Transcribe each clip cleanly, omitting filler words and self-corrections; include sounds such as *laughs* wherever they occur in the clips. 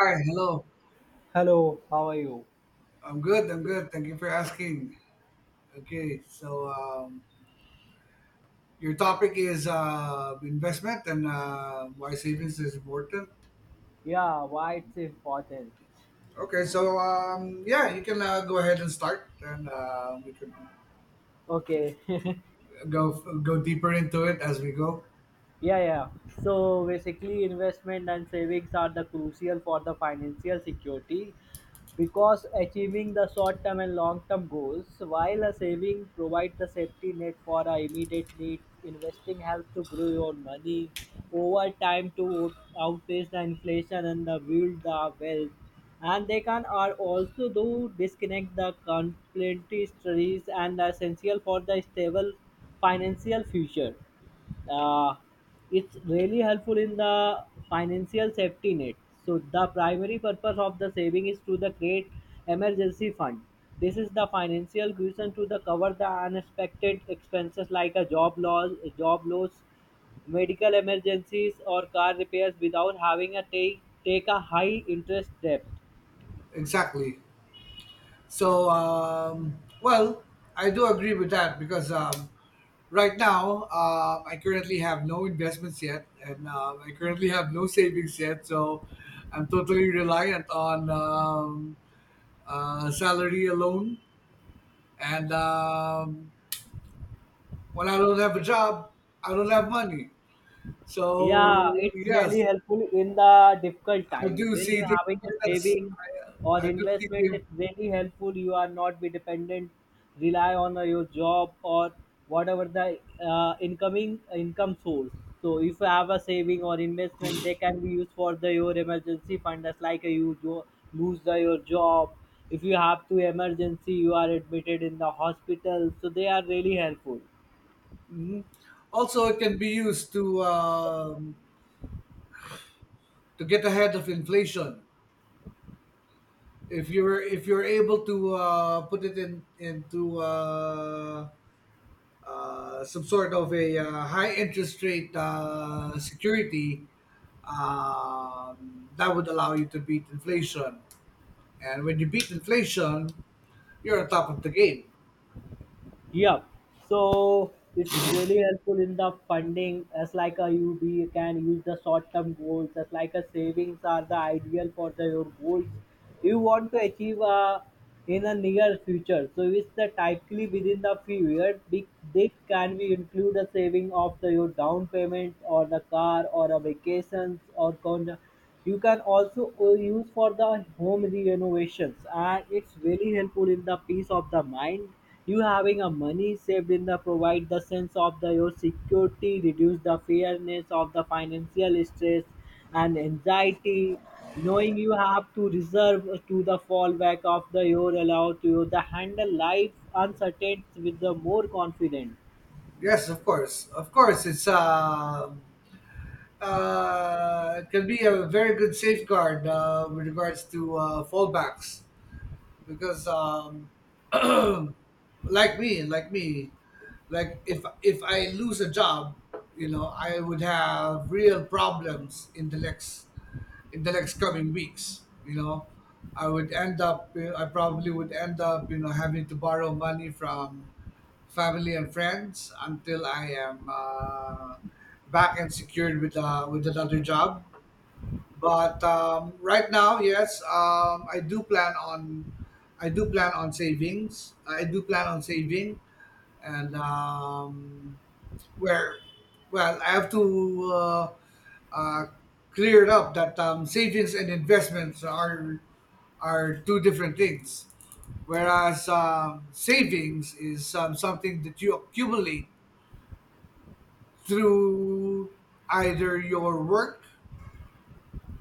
Hi, hello. Hello, how are you? I'm good. I'm good. Thank you for asking. Okay, so um, your topic is investment and why savings is important. Yeah, why it's important? Yeah, you can go ahead and start, and we can Okay, *laughs* go go deeper into it as we go. Yeah, yeah. So basically, investment and savings are the crucial for the financial security because achieving the short-term and long-term goals, while a saving provides the safety net for our immediate needs, investing helps to grow your money over time to outpace the inflation and the build the wealth. And they can are also do disconnect the complementary studies and are essential for the stable financial future uh, it's really helpful in the financial safety net. So the primary purpose of the saving is to the create emergency fund. This is the financial cushion to the cover the unexpected expenses like a job loss, job loss, medical emergencies, or car repairs without having a take a high interest debt. Exactly. So, um, well, I do agree with that because right now I currently have no investments yet, and I currently have no savings yet. So, I'm totally reliant on salary alone. And When I don't have a job, I don't have money. So, Yeah, it's really yes, helpful in the difficult I time. do When see you're the having a importance. saving or I do see investment, the it's really helpful. You are not be dependent, rely on your job or whatever the incoming income source. So if you have a saving or investment, they can be used for the your emergency fund. That's like you lose the, your job. If you have to emergency, you are admitted in the hospital. So they are really helpful. also it can be used to get ahead of inflation if you're able to put it in into some sort of a high interest rate security, that would allow you to beat inflation. And when you beat inflation, you're on top of the game. Yeah. So it's really helpful in the funding as like a UB can use the short term goals as like a savings are the ideal for the your goals you want to achieve in a near future. So it's the typically within the few years big this can be include a saving of the your down payment or the car or a vacations or you can also use for the home renovations, and it's really helpful in the peace of the mind. You having a money saved in the provide the sense of the your security, reduce the fearness of the financial stress and anxiety. Knowing you have to reserve to the fallback of the your allow to you the handle life uncertainties with the more confidence. Yes, of course, it can be a very good safeguard with regards to fallbacks because. Like me, like me, like if I lose a job, you know, I would have real problems in the next coming weeks. You know, I probably would end up, you know, having to borrow money from family and friends until I am back and secured with another job. But right now, yes, I do plan on savings. I do plan on saving, and where, well, I have to uh, clear it up that savings and investments are two different things. Whereas savings is something that you accumulate through either your work,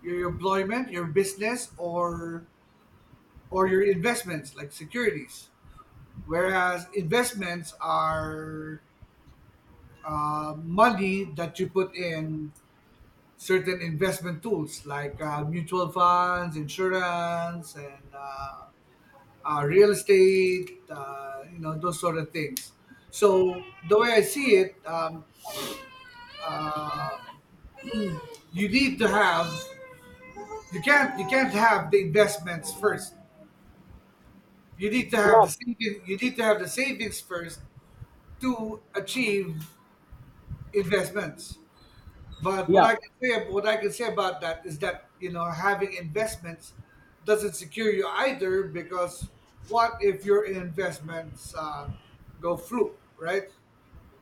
your employment, your business, or your investments like securities. Whereas investments are money that you put in certain investment tools like mutual funds, insurance, and real estate, you know, those sort of things. So the way I see it, uh, you need to have you can't have the investments first. Yeah, You need to have the savings first to achieve investments. But yeah. What I can say about that is that you know having investments doesn't secure you either because what if your investments go fluke, right?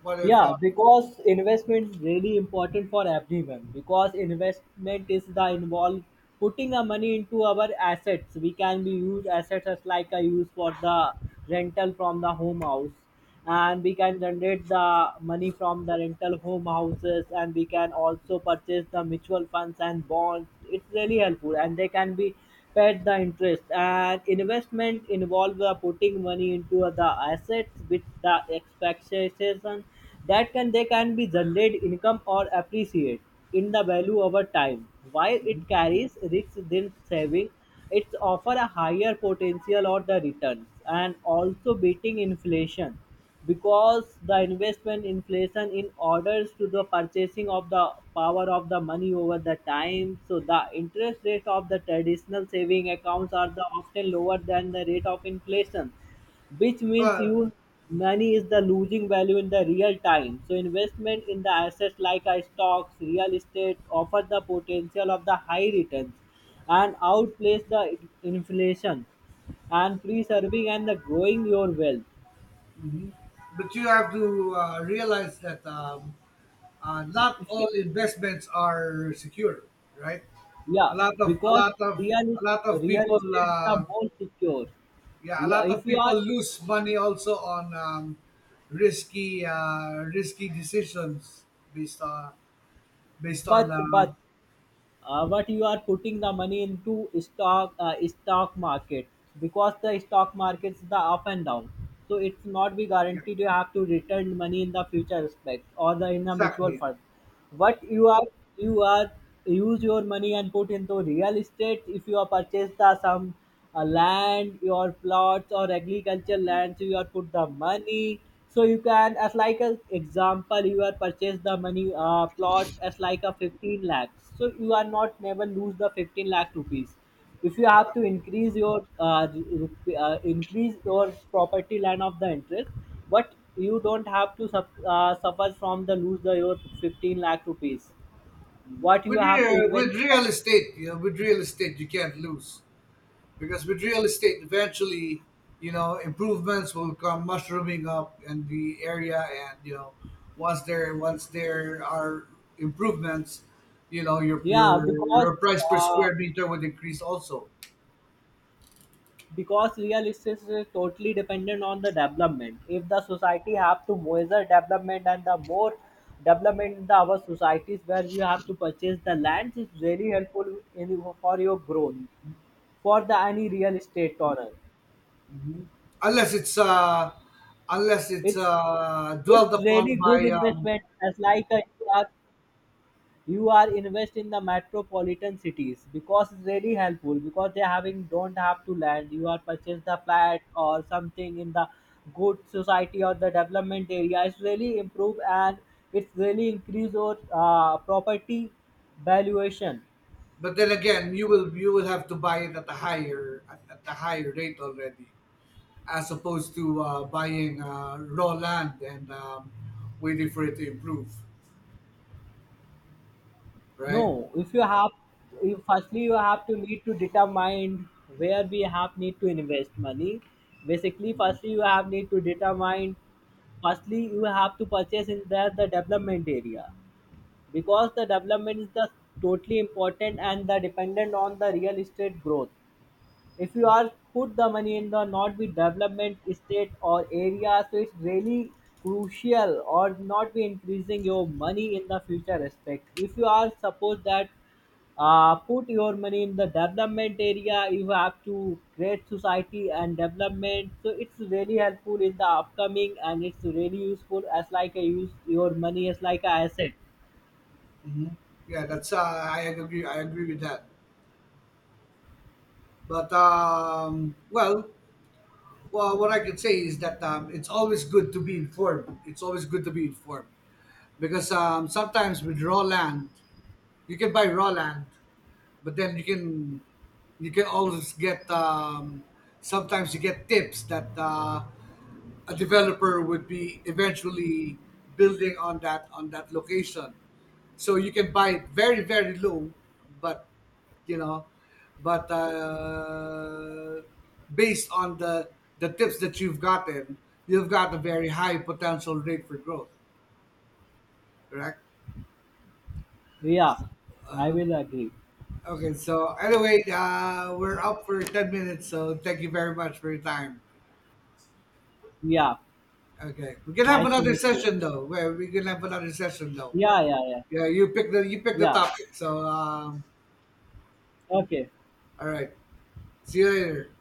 What if? Yeah, because investment is really important for everyone. Because investment is the involved putting our money into our assets. We can be use assets as like I use for the rental from the home house, and we can generate the money from the rental home houses, and we can also purchase the mutual funds and bonds. It's really helpful, and they can be paid the interest and investment involve the putting money into the assets with the expectation that can they can be generate income or appreciate in the value over time. While it carries risks than saving, it offer a higher potential or the returns and also beating inflation because the investment inflation in orders to the purchasing of the power of the money over the time. So the interest rate of the traditional saving accounts are the often lower than the rate of inflation, which means But you money is the losing value in the real time. So investment in the assets like stocks real estate offer the potential of the high returns and outplace the inflation and preserving and the growing your wealth. Mhm. But you have to realize that not all investments are secure, right? A Yeah, lot of a because lot of real a lot of real people. estate is the more secure. Yeah, a Yeah, lot of if you are people lose money also on risky decisions based on based on but but but you are putting the money into stock market, because the stock markets the up and down, so it's not be yeah, guaranteed you have to return money in the future respect or the in a mutual exactly. fund. But you are, you are use your money and put into real estate. If you are purchased the some land, your plots or agriculture lands, you are put the money, so you can, as like an example, you are purchase the money plot as like a 15 lakhs. So you are not never lose the 15 lakh rupees. If you have to increase your increase your property land of the interest, but you don't have to suffer from the lose the your 15 lakh rupees. What you have to invest? With real estate, you know, with real estate you can't lose because with real estate eventually, you know, improvements will come mushrooming up in the area, and you know once there are improvements, you know, your Yeah, your because your price per uh, square meter would increase also because real estate is totally dependent on the development. If the society have to measure development and the more development in the our societies where we have to purchase the lands is very helpful in for your growth for the any real estate owner. unless it's unless it's It's dwelled it's really upon good by. Investment as like a, you are, you are invest in the metropolitan cities, because it's really helpful because they having don't have to land, you are purchase the flat or something in the good society or the development area. It's really improve and it's really increase your property valuation. But then again, you will have to buy it at a higher at the higher rate already, as opposed to buying raw land and waiting for it to improve, No, right? if you have, you firstly you have to need to determine where we have need to invest money. Basically, firstly you have need to determine, firstly you have to purchase in there the development area, because the development is the totally important and the dependent on the real estate growth. If you are put the money in the not be development state or area, so it's really crucial or not be increasing your money in the future respect. If you are suppose that put your money in the development area, you have to create society and development, so it's really helpful in the upcoming, and it's really useful as like a use your money as like a asset. Hmm. Yeah, that's I agree. I agree with that. But well, what I can say is that it's always good to be informed. It's always good to be informed because sometimes with raw land, you can buy raw land, but then you can always get sometimes you get tips that a developer would be eventually building on that location. So you can buy it very very low, but you know, but based on the tips that you've gotten, you've got a very high potential rate for growth, correct? Yeah, I will agree. Okay, so anyway, we're up for 10 minutes, so thank you very much for your time. Yeah, Okay, we can have nice to another meet you. session though. Where we can have another session though. Yeah, yeah, yeah, Yeah, you pick the yeah. topic. So Okay, all right, see you later.